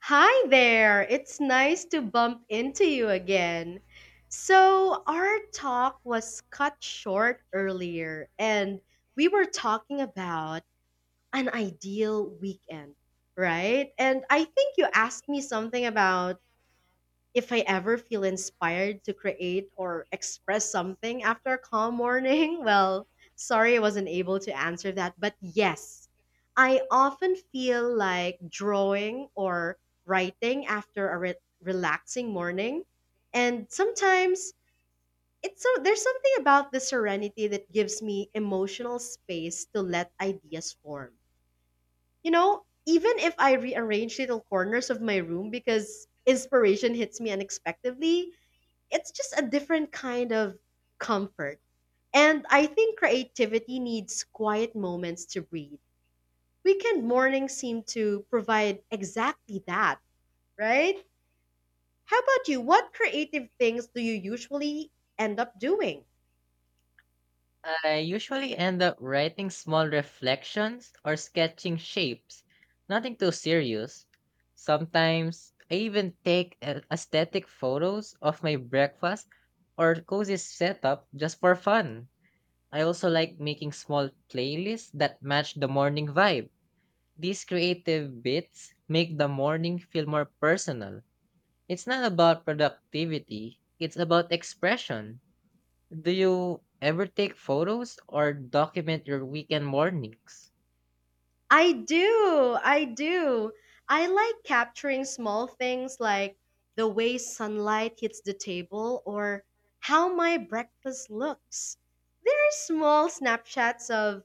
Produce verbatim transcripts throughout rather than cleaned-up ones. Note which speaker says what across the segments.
Speaker 1: Hi there! It's nice to bump into you again. So, our talk was cut short earlier, and we were talking about an ideal weekend, right? And I think you asked me something about if I ever feel inspired to create or express something after a calm morning, well, sorry I wasn't able to answer that. But yes, I often feel like drawing or writing after a re- relaxing morning. And sometimes it's so there's something about the serenity that gives me emotional space to let ideas form. You know, even if I rearrange little corners of my room because inspiration hits me unexpectedly, it's just a different kind of comfort. And I think creativity needs quiet moments to breathe. Weekend mornings seem to provide exactly that, right? How about you? What creative things do you usually end up doing?
Speaker 2: I usually end up writing small reflections or sketching shapes, nothing too serious. Sometimes I even take a- aesthetic photos of my breakfast or cozy setup just for fun. I also like making small playlists that match the morning vibe. These creative bits make the morning feel more personal. It's not about productivity, it's about expression. Do you ever take photos or document your weekend mornings?
Speaker 1: I do. I do. I like capturing small things like the way sunlight hits the table or how my breakfast looks. There are small snapshots of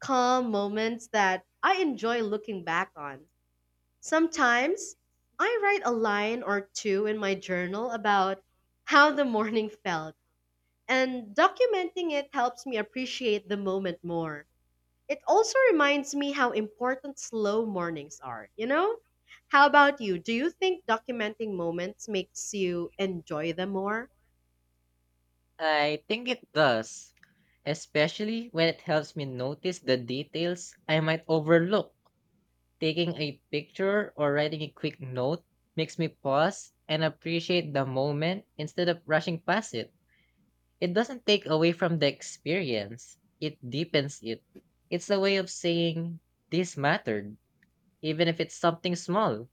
Speaker 1: calm moments that I enjoy looking back on. Sometimes I write a line or two in my journal about how the morning felt, and documenting it helps me appreciate the moment more. It also reminds me how important slow mornings are, you know? How about you? Do you think documenting moments makes you enjoy them more?
Speaker 2: I think it does, especially when it helps me notice the details I might overlook. Taking a picture or writing a quick note makes me pause and appreciate the moment instead of rushing past it. It doesn't take away from the experience, it deepens it. It's a way of saying, this mattered, even if it's something small.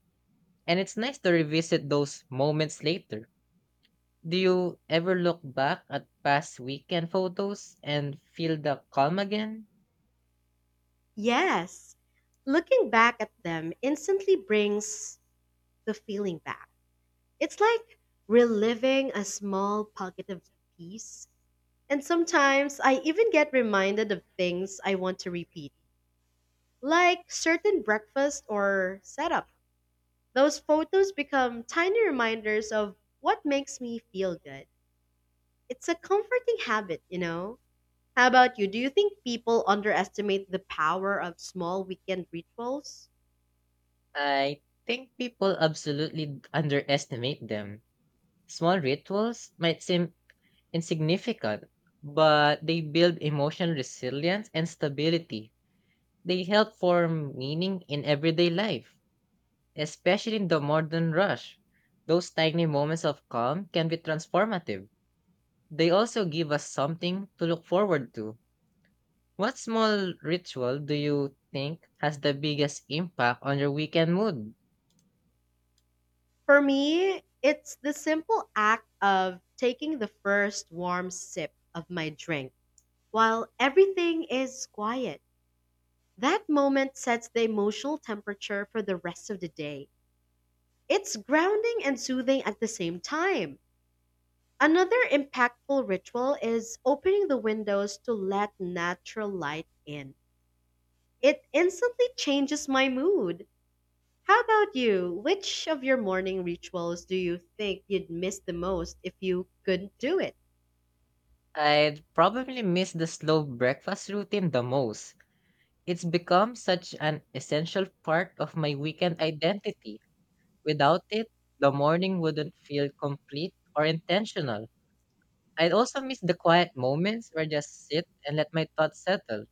Speaker 2: And it's nice to revisit those moments later. Do you ever look back at past weekend photos and feel the calm again?
Speaker 1: Yes. Looking back at them instantly brings the feeling back It's like reliving a small pocket of peace. And sometimes I even get reminded of things I want to repeat, like certain breakfast or setup. Those photos become tiny reminders of what makes me feel good. It's a comforting habit, you know? How about you? Do you think people underestimate the power of small weekend rituals?
Speaker 2: I think people absolutely underestimate them. Small rituals might seem insignificant, but they build emotional resilience and stability. They help form meaning in everyday life, especially in the modern rush. Those tiny moments of calm can be transformative. They also give us something to look forward to. What small ritual do you think has the biggest impact on your weekend mood?
Speaker 1: For me, it's the simple act of taking the first warm sip of my drink While everything is quiet, that moment sets the emotional temperature for the rest of the day. It's grounding and soothing at the same time. Another impactful ritual is opening the windows to let natural light in. It instantly changes my mood. How about you? Which of your morning rituals do you think you'd miss the most if you couldn't do it?
Speaker 2: I'd probably miss the slow breakfast routine the most. It's become such an essential part of my weekend identity. Without it, the morning wouldn't feel complete or intentional. I'd also miss the quiet moments where I just sit and let my thoughts settle.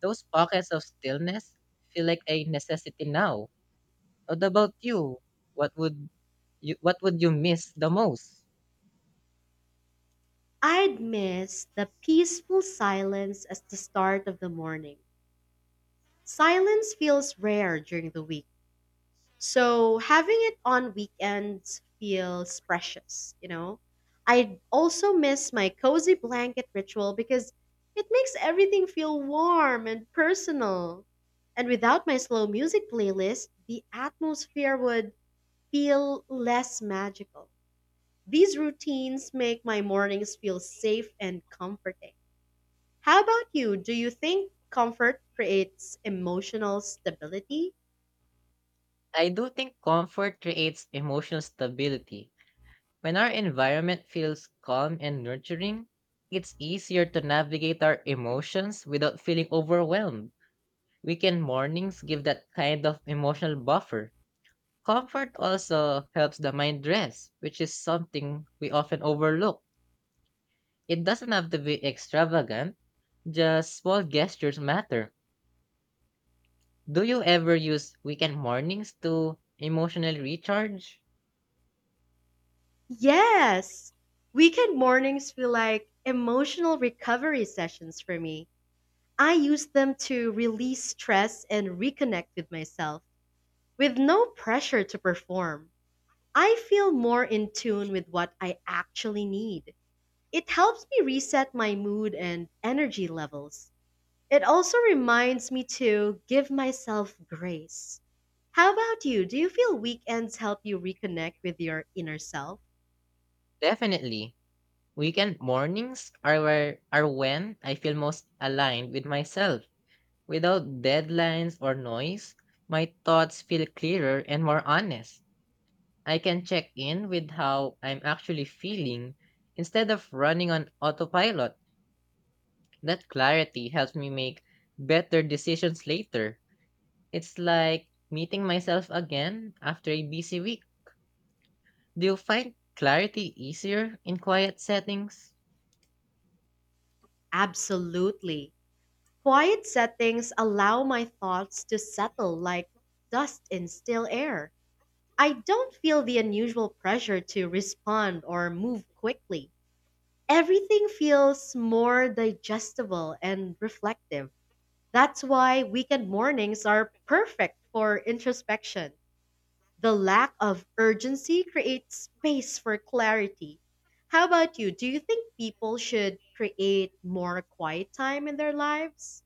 Speaker 2: Those pockets of stillness feel like a necessity now. What about you? What would you what would you miss the most?
Speaker 1: I'd miss the peaceful silence as the start of the morning Silence feels rare during the week. So having it on weekends feels precious, you know? I also miss my cozy blanket ritual because it makes everything feel warm and personal. And without my slow music playlist, the atmosphere would feel less magical. These routines make my mornings feel safe and comforting. How about you? Do you think comfort creates emotional stability?
Speaker 2: I do think comfort creates emotional stability. When our environment feels calm and nurturing, it's easier to navigate our emotions without feeling overwhelmed. Weekend mornings give that kind of emotional buffer. Comfort also helps the mind rest, which is something we often overlook. It doesn't have to be extravagant, just small gestures matter. Do you ever use weekend mornings to emotionally recharge?
Speaker 1: Yes. Weekend mornings feel like emotional recovery sessions for me. I use them to release stress and reconnect with myself with no pressure to perform. I feel more in tune with what I actually need. It helps me reset my mood and energy levels. It also reminds me to give myself grace. How about you? Do you feel weekends help you reconnect with your inner self?
Speaker 2: Definitely. Weekend mornings are where are when I feel most aligned with myself. Without deadlines or noise, my thoughts feel clearer and more honest. I can check in with how I'm actually feeling instead of running on autopilot. That clarity helps me make better decisions later. It's like meeting myself again after a busy week. Do you find clarity easier in quiet settings?
Speaker 1: Absolutely. Quiet settings allow my thoughts to settle like dust in still air. I don't feel the unusual pressure to respond or move quickly. Everything feels more digestible and reflective. That's why weekend mornings are perfect for introspection. The lack of urgency creates space for clarity. How about you? Do you think people should create more quiet time in their lives?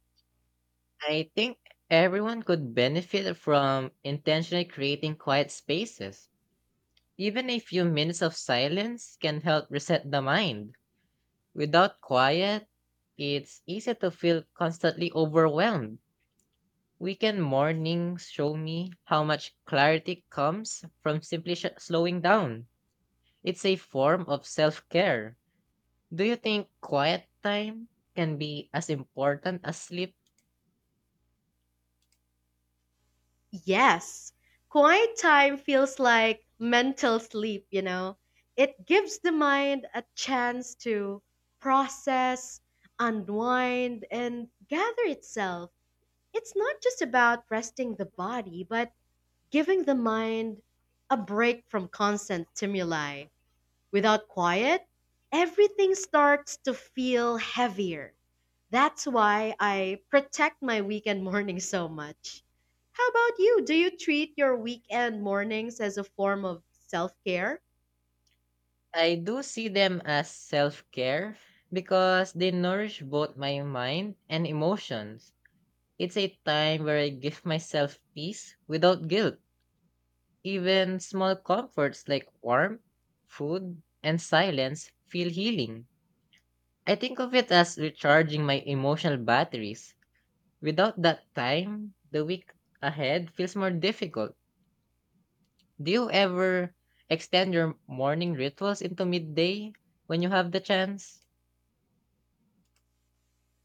Speaker 2: I think everyone could benefit from intentionally creating quiet spaces. Even a few minutes of silence can help reset the mind. Without quiet, it's easy to feel constantly overwhelmed. Weekend mornings show me how much clarity comes from simply sh- slowing down. It's a form of self care. Do you think quiet time can be as important as sleep?
Speaker 1: Yes, quiet time feels like mental sleep, you know. It gives the mind a chance to process, unwind, and gather itself. It's not just about resting the body, but giving the mind a break from constant stimuli. Without quiet, everything starts to feel heavier. That's why I protect my weekend morning so much. How about you? Do you treat your weekend mornings as a form of self care?
Speaker 2: I do see them as self care because they nourish both my mind and emotions. It's a time where I give myself peace without guilt. Even small comforts like warmth, food, and silence feel healing. I think of it as recharging my emotional batteries. Without that time, the week ahead feels more difficult. Do you ever extend your morning rituals into midday when you have the chance?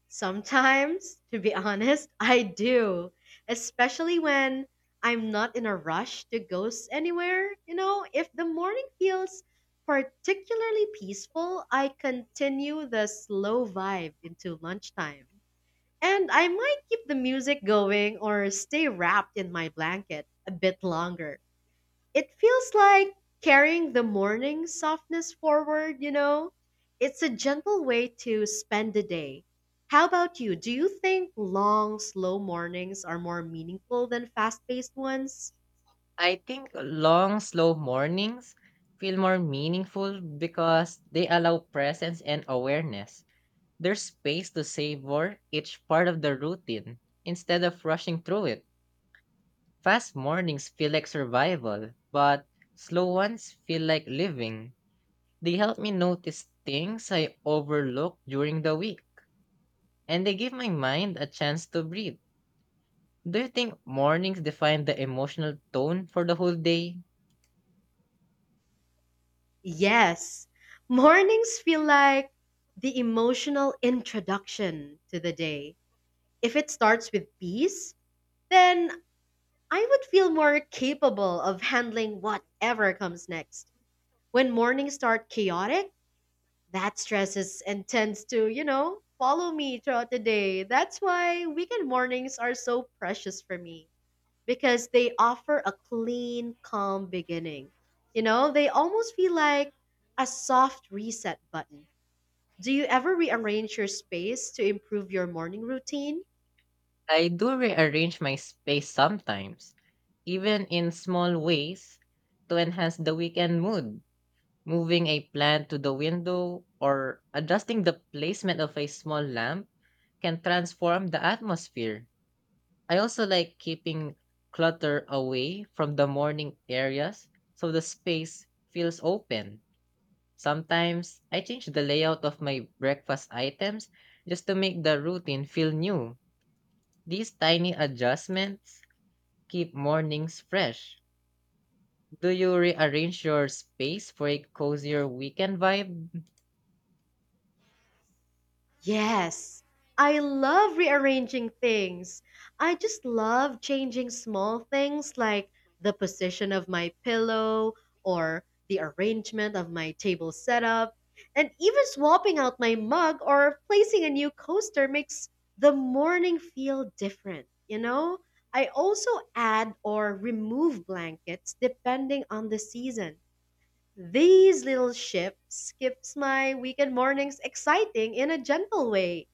Speaker 1: Sometimes, to be honest, I do, especially when I'm not in a rush to go s- anywhere. You know, if the morning feels particularly peaceful, I continue the slow vibe into lunchtime. And I might keep the music going or stay wrapped in my blanket a bit longer. It feels like carrying the morning softness forward, you know? It's a gentle way to spend the day. How about you? Do you think long, slow mornings are more meaningful than fast paced ones?
Speaker 2: I think long, slow mornings feel more meaningful because they allow presence and awareness. There's space to savor each part of the routine instead of rushing through it. Fast mornings feel like survival, but slow ones feel like living. They help me notice things I overlook during the week, and they give my mind a chance to breathe. Do you think mornings define the emotional tone for the whole day?
Speaker 1: Yes. Mornings feel like the emotional introduction to the day. If it starts with peace, then I would feel more capable of handling whatever comes next. When mornings start chaotic, that stresses and tends to, you know, follow me throughout the day. That's why weekend mornings are so precious for me because they offer a clean, calm beginning. You know, they almost feel like a soft reset button. Do you ever rearrange your space to improve your morning routine?
Speaker 2: I do rearrange my space sometimes, even in small ways, to enhance the weekend mood. Moving a plant to the window or adjusting the placement of a small lamp can transform the atmosphere. I also like keeping clutter away from the morning areas so the space feels open. Sometimes I change the layout of my breakfast items just to make the routine feel new. These tiny adjustments keep mornings fresh. Do you rearrange your space for a cozier weekend vibe?
Speaker 1: Yes, I love rearranging things. I just love changing small things like the position of my pillow or the arrangement of my table setup. And even swapping out my mug or placing a new coaster makes the morning feel different, you know? I also add or remove blankets depending on the season. These little shifts keeps my weekend mornings exciting in a gentle way.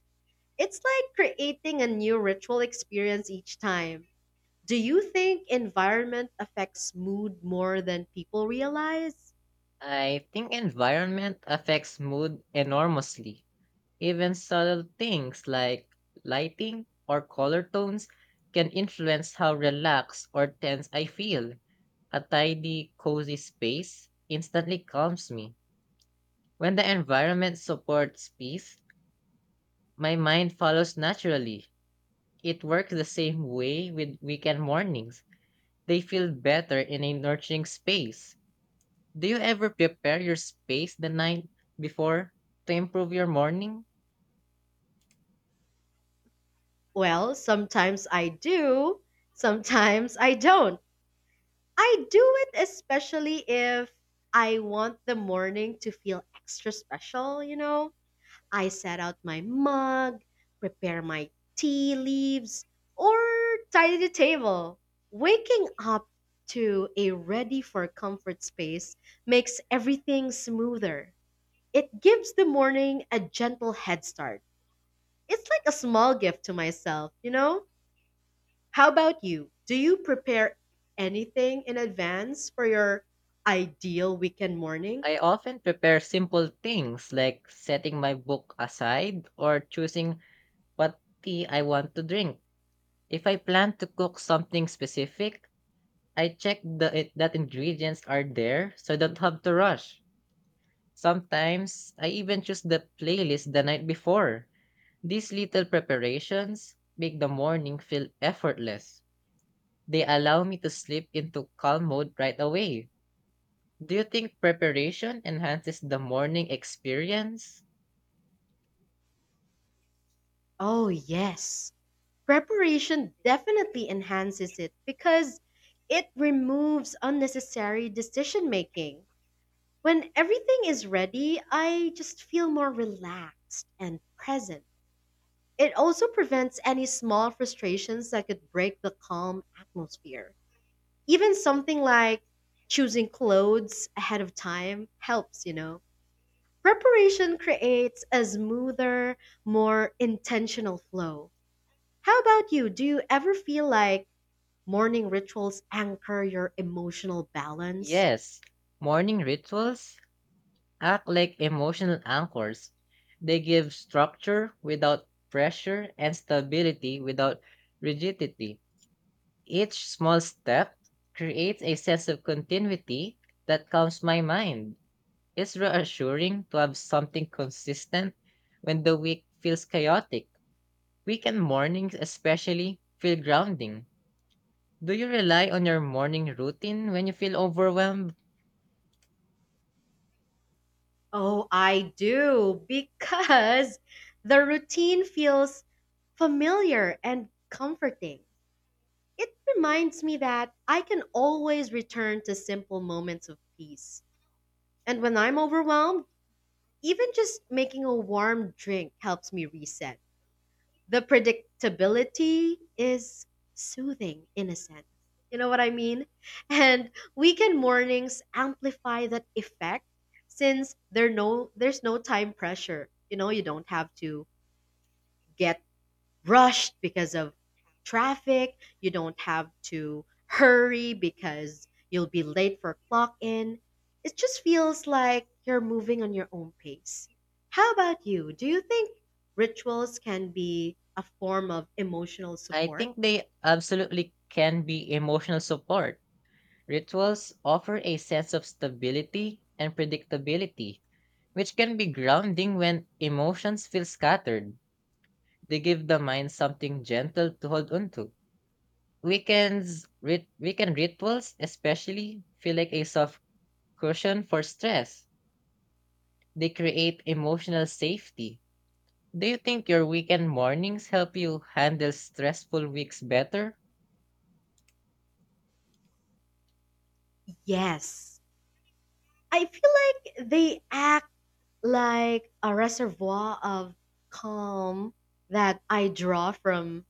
Speaker 1: It's like creating a new ritual experience each time. Do you think environment affects mood more than people realize?
Speaker 2: I think environment affects mood enormously. Even subtle things like lighting or color tones can influence how relaxed or tense I feel. A tidy, cozy space instantly calms me. When the environment supports peace, my mind follows naturally. It works the same way with weekend mornings. They feel better in a nurturing space. Do you ever prepare your space the night before to improve your morning?
Speaker 1: Well, sometimes I do, sometimes I don't. I do it especially if I want the morning to feel extra special, you know? I set out my mug, prepare my tea leaves, or tidy the table. Waking up to a ready for comfort space makes everything smoother. It gives the morning a gentle head start. It's like a small gift to myself, you know? How about you? Do you prepare anything in advance for your ideal weekend morning?
Speaker 2: I often prepare simple things like setting my book aside or choosing what tea I want to drink. If I plan to cook something specific, I check the, it, that ingredients are there so I don't have to rush. Sometimes I even choose the playlist the night before. These little preparations make the morning feel effortless. They allow me to slip into calm mode right away. Do you think preparation enhances the morning experience?
Speaker 1: Oh, yes. Preparation definitely enhances it because it removes unnecessary decision making. When everything is ready, I just feel more relaxed and present. It also prevents any small frustrations that could break the calm atmosphere. Even something like choosing clothes ahead of time helps, you know. Preparation creates a smoother, more intentional flow. How about you? Do you ever feel like morning rituals anchor your emotional balance?
Speaker 2: Yes, morning rituals act like emotional anchors. They give structure without pressure and stability without rigidity. Each small step creates a sense of continuity that calms my mind. It's reassuring to have something consistent when the week feels chaotic. Weekend mornings, especially, feel grounding. Do you rely on your morning routine when you feel overwhelmed?
Speaker 1: Oh, I do, because the routine feels familiar and comforting. It reminds me that I can always return to simple moments of peace. And when I'm overwhelmed, even just making a warm drink helps me reset. The predictability is soothing in a sense. You know what I mean? And weekend mornings amplify that effect since there no there's no time pressure. You know, you don't have to get rushed because of traffic. You don't have to hurry because you'll be late for clock in. It just feels like you're moving on your own pace. How about you? Do you think rituals can be a form of emotional
Speaker 2: I
Speaker 1: support?
Speaker 2: think they absolutely can be emotional support. Rituals offer a sense of stability and predictability, which can be grounding when emotions feel scattered. They give the mind something gentle to hold on to. Weekends, rit- weekend rituals especially feel like a soft cushion for stress. They create emotional safety. Do you think your weekend mornings help you handle stressful weeks better?
Speaker 1: Yes. I feel like they act like a reservoir of calm that I draw from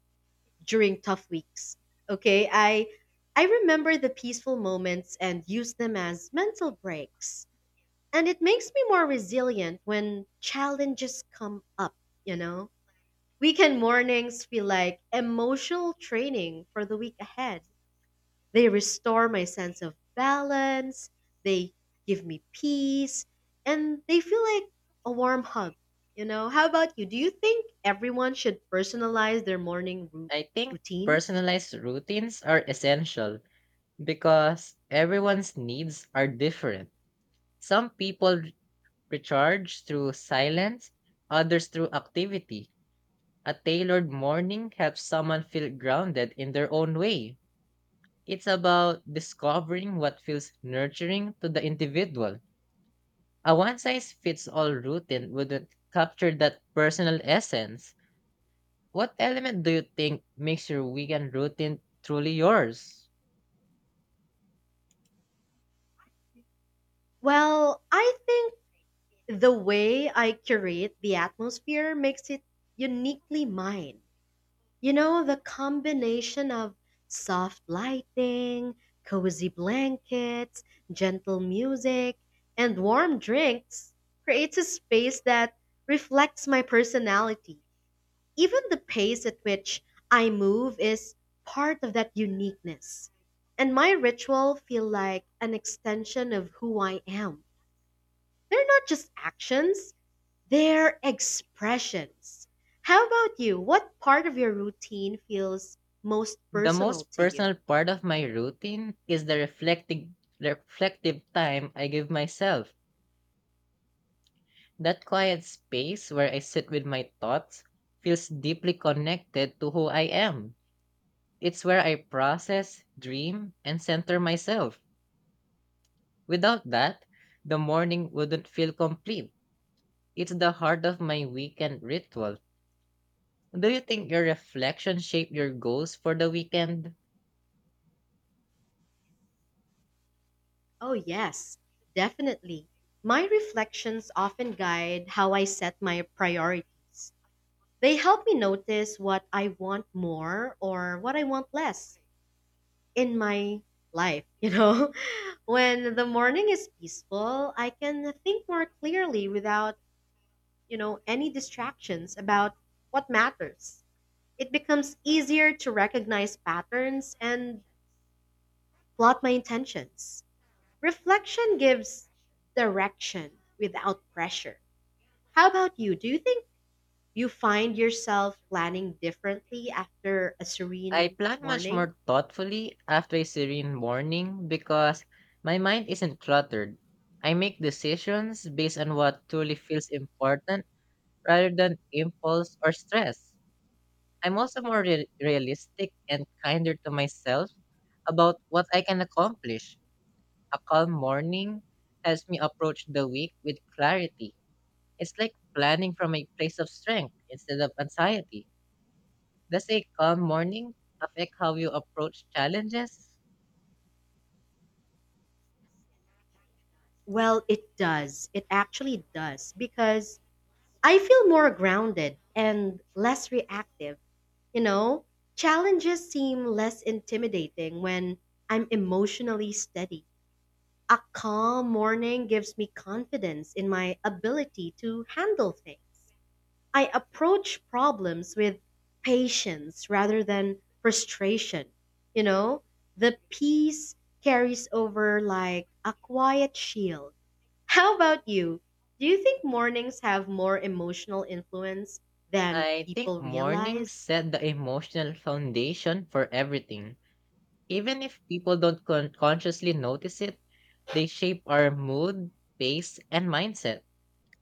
Speaker 1: during tough weeks. Okay, I I remember the peaceful moments and use them as mental breaks. And it makes me more resilient when challenges come up, you know? Weekend mornings feel like emotional training for the week ahead. They restore my sense of balance, they give me peace, and they feel like a warm hug. You know, how about you? Do you think everyone should personalize their morning ru-
Speaker 2: I think
Speaker 1: routines?
Speaker 2: personalized routines are essential because everyone's needs are different. Some people recharge through silence, others through activity. A tailored morning helps someone feel grounded in their own way. It's about discovering what feels nurturing to the individual. A one size fits all routine wouldn't capture that personal essence. What element do you think makes your weekend routine truly yours?
Speaker 1: Well, I think the way I curate the atmosphere makes it uniquely mine. You know, the combination of soft lighting, cozy blankets, gentle music, and warm drinks creates a space that reflects my personality. Even the pace at which I move is part of that uniqueness. And my ritual feel like an extension of who I am they're not just actions, they're expressions. How about you? What part of your routine feels most
Speaker 2: The
Speaker 1: personal
Speaker 2: most
Speaker 1: to you?
Speaker 2: personal part of my routine is the reflecting reflective time I give myself. That quiet space where I sit with my thoughts feels deeply connected to who I am. It's where I process, dream, and center myself. Without that, the morning wouldn't feel complete. It's the heart of my weekend ritual. Do you think your reflection shaped your goals for the weekend?
Speaker 1: Oh, yes, definitely. My reflections often guide how I set my priorities. They help me notice what I want more or what I want less in my life, you know? When the morning is peaceful, I can think more clearly without you know, any distractions about what matters. It becomes easier to recognize patterns and plot my intentions. Reflection gives direction without pressure. How about you? Do you think you find yourself planning differently after a
Speaker 2: I
Speaker 1: serene
Speaker 2: plan much
Speaker 1: morning?
Speaker 2: more thoughtfully after a serene morning because my mind isn't cluttered. I make decisions based on what truly feels important rather than impulse or stress. I'm also more real realistic and kinder to myself about what I can accomplish. A calm morning helps me approach the week with clarity. It's like planning from a place of strength instead of anxiety. Does a calm morning affect how you approach challenges?
Speaker 1: Well, it does. It actually does because I feel more grounded and less reactive You know, challenges seem less intimidating when I'm emotionally steady. A calm morning gives me confidence in my ability to handle things. I approach problems with patience rather than frustration. You know, the peace carries over like a quiet shield. How about you? Do you think mornings have more emotional influence than
Speaker 2: I think
Speaker 1: people
Speaker 2: mornings
Speaker 1: realize?
Speaker 2: set the emotional foundation for everything. Even if people don't con- consciously notice it, they shape our mood, pace, and mindset.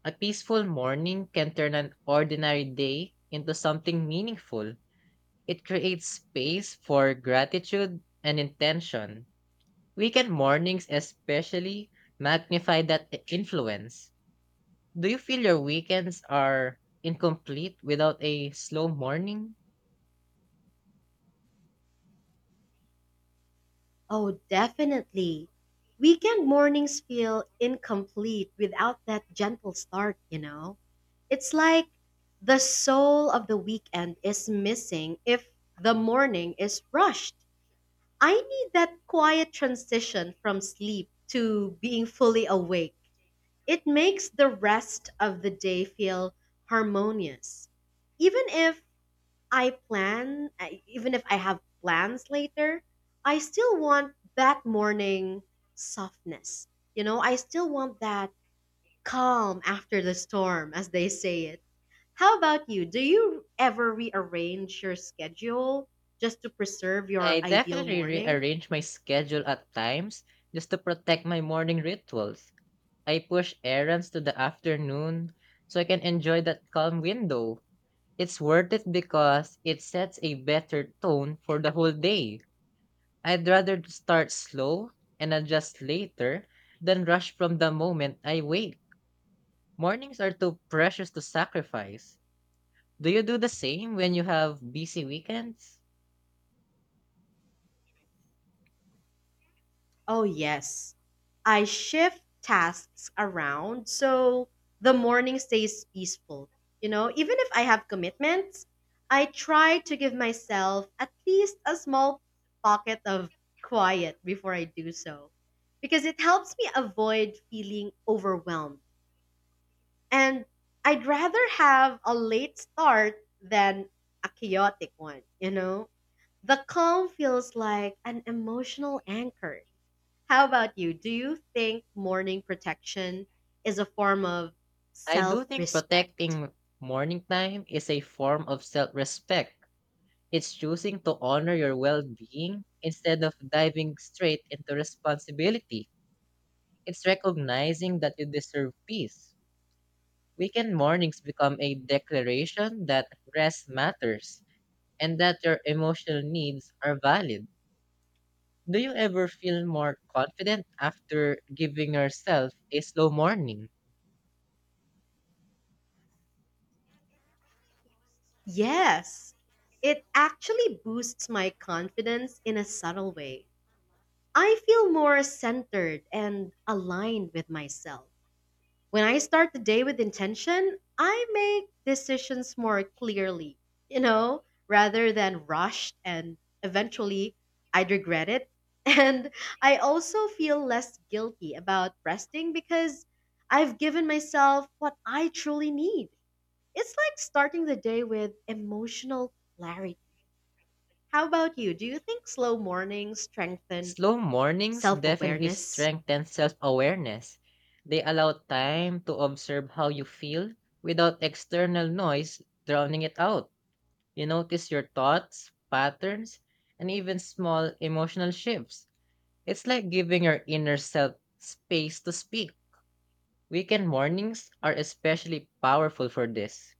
Speaker 2: A peaceful morning can turn an ordinary day into something meaningful. It creates space for gratitude and intention. Weekend mornings, especially, magnify that i- influence. Do you feel your weekends are incomplete without a slow morning?
Speaker 1: Oh, definitely. Weekend mornings feel incomplete without that gentle start, you know? It's like the soul of the weekend is missing if the morning is rushed. I need that quiet transition from sleep to being fully awake. It makes the rest of the day feel harmonious, even if I plan, I- even if I have plans later, I still want that morning softness. You know, I still want that calm after the storm, as they say it. How about you? Do you ever rearrange your schedule just to preserve your
Speaker 2: I
Speaker 1: ideal
Speaker 2: definitely
Speaker 1: morning?
Speaker 2: rearrange my schedule at times just to protect my morning rituals. I push errands to the afternoon so I can enjoy that calm window. It's worth it because it sets a better tone for the whole day. I'd rather to start slow and adjust later than rush from the moment I wake. Mornings are too precious to sacrifice. Do you do the same when you have busy weekends?
Speaker 1: Oh, yes. I shift tasks around so the morning stays peaceful. You know, even if I have commitments, I try to give myself at least a small pocket of quiet before I do so, because it helps me avoid feeling overwhelmed. And I'd rather have a late start than a chaotic one, you know? The calm feels like an emotional anchor. How about you? Do you think morning protection is a form of
Speaker 2: I
Speaker 1: self
Speaker 2: do think
Speaker 1: respect?
Speaker 2: protecting morning time is a form of self respect. It's choosing to honor your well being instead of diving straight into responsibility. It's recognizing that you deserve peace. Weekend mornings become a declaration that rest matters and that your emotional needs are valid. Do you ever feel more confident after giving yourself a slow morning?
Speaker 1: Yes. It actually boosts my confidence in a subtle way. I feel more centered and aligned with myself. When I start the day with intention, I make decisions more clearly, you know, rather than rushed and eventually I'd regret it. And I also feel less guilty about resting because I've given myself what I truly need. It's like starting the day with emotional clarity. How about you? Do you think slow mornings strengthen
Speaker 2: Slow mornings
Speaker 1: self
Speaker 2: definitely
Speaker 1: awareness?
Speaker 2: strengthen self awareness. They allow time to observe how you feel without external noise drowning it out. You notice your thoughts, patterns, and even small emotional shifts. It's like giving your inner self space to speak. Weekend mornings are especially powerful for this.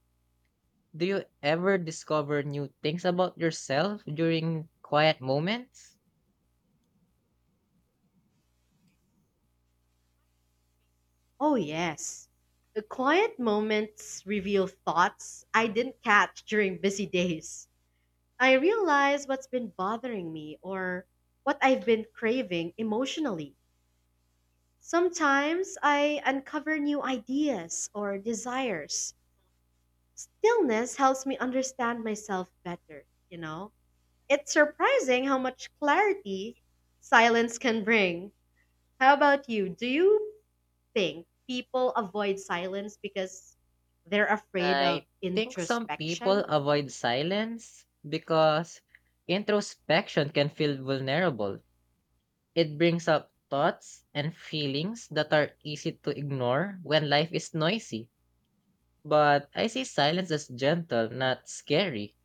Speaker 2: Do you ever discover new things about yourself during quiet moments?
Speaker 1: Oh, yes. The quiet moments reveal thoughts I didn't catch during busy days. I realize what's been bothering me or what I've been craving emotionally. Sometimes I uncover new ideas or desires. Stillness helps me understand myself better, you know? It's surprising how much clarity silence can bring. How about you? Do you think people avoid silence because they're afraid of
Speaker 2: I think some
Speaker 1: introspection?
Speaker 2: people avoid silence because introspection can feel vulnerable. It brings up thoughts and feelings that are easy to ignore when life is noisy. But I see silence as gentle, not scary.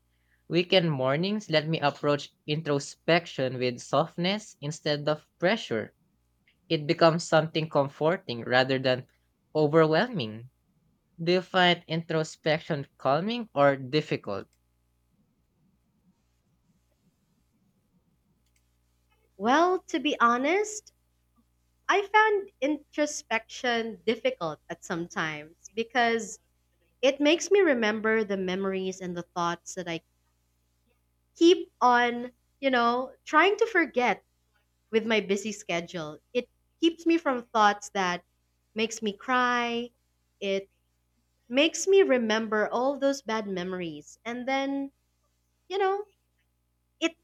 Speaker 2: Weekend mornings let me approach introspection with softness instead of pressure. It becomes something comforting rather than overwhelming. Do you find introspection calming or difficult?
Speaker 1: Well, to be honest, I found introspection difficult at some times because it makes me remember the memories and the thoughts that I keep on, you know, trying to forget with my busy schedule. It keeps me from thoughts that makes me cry. It makes me remember all those bad memories and then, you know, it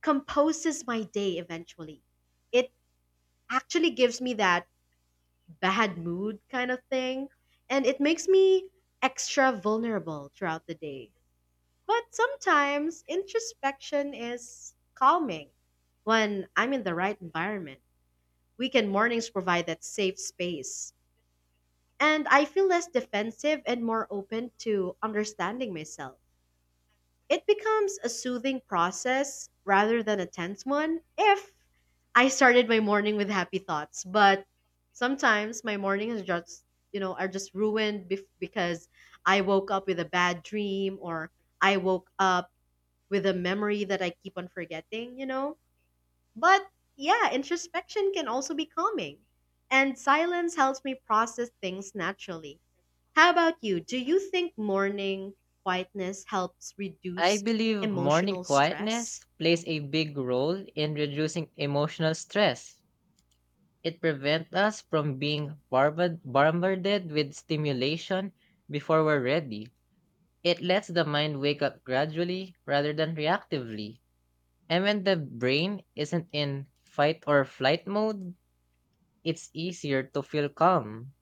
Speaker 1: composes my day eventually. It actually gives me that bad mood kind of thing, and it makes me extra vulnerable throughout the day. But sometimes introspection is calming when I'm in the right environment. Weekend mornings provide that safe space, and I feel less defensive and more open to understanding myself. It becomes a soothing process rather than a tense one if I started my morning with happy thoughts. But sometimes my mornings are just, you know, are just ruined bef- because I woke up with a bad dream or I woke up with a memory that I keep on forgetting, you know? But yeah, introspection can also be calming, and silence helps me process things naturally. How about you? Do you think morning quietness helps
Speaker 2: I
Speaker 1: reduce
Speaker 2: believe morning
Speaker 1: emotional stress?
Speaker 2: quietness plays a big role in reducing emotional stress. It prevents us from being bombard- bombarded with stimulation before we're ready. It lets the mind wake up gradually rather than reactively. And when the brain isn't in fight or flight mode, it's easier to feel calm.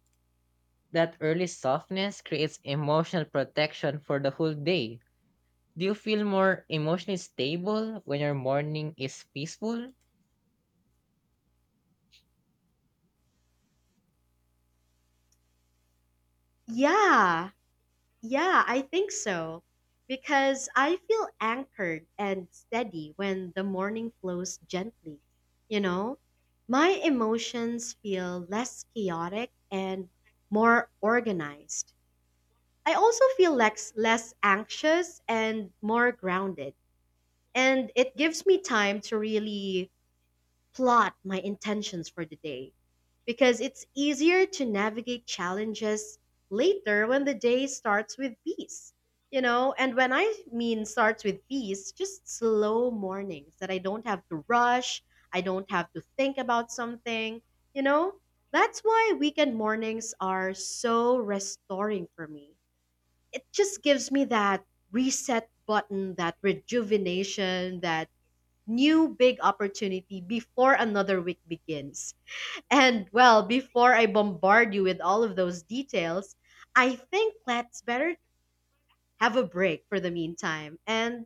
Speaker 2: That early softness creates emotional protection for the whole day. Do you feel more emotionally stable when your morning is peaceful?
Speaker 1: Yeah, yeah, I think so. Because I feel anchored and steady when the morning flows gently. You know, my emotions feel less chaotic and more organized. I also feel less, less anxious and more grounded. And it gives me time to really plot my intentions for the day, because it's easier to navigate challenges later when the day starts with peace. You know, and when I mean starts with peace, just slow mornings that I don't have to rush, I don't have to think about something, you know? That's why weekend mornings are so restoring for me. It just gives me that reset button, that rejuvenation, that new big opportunity before another week begins. And well, before I bombard you with all of those details, I think let's better have a break for the meantime. And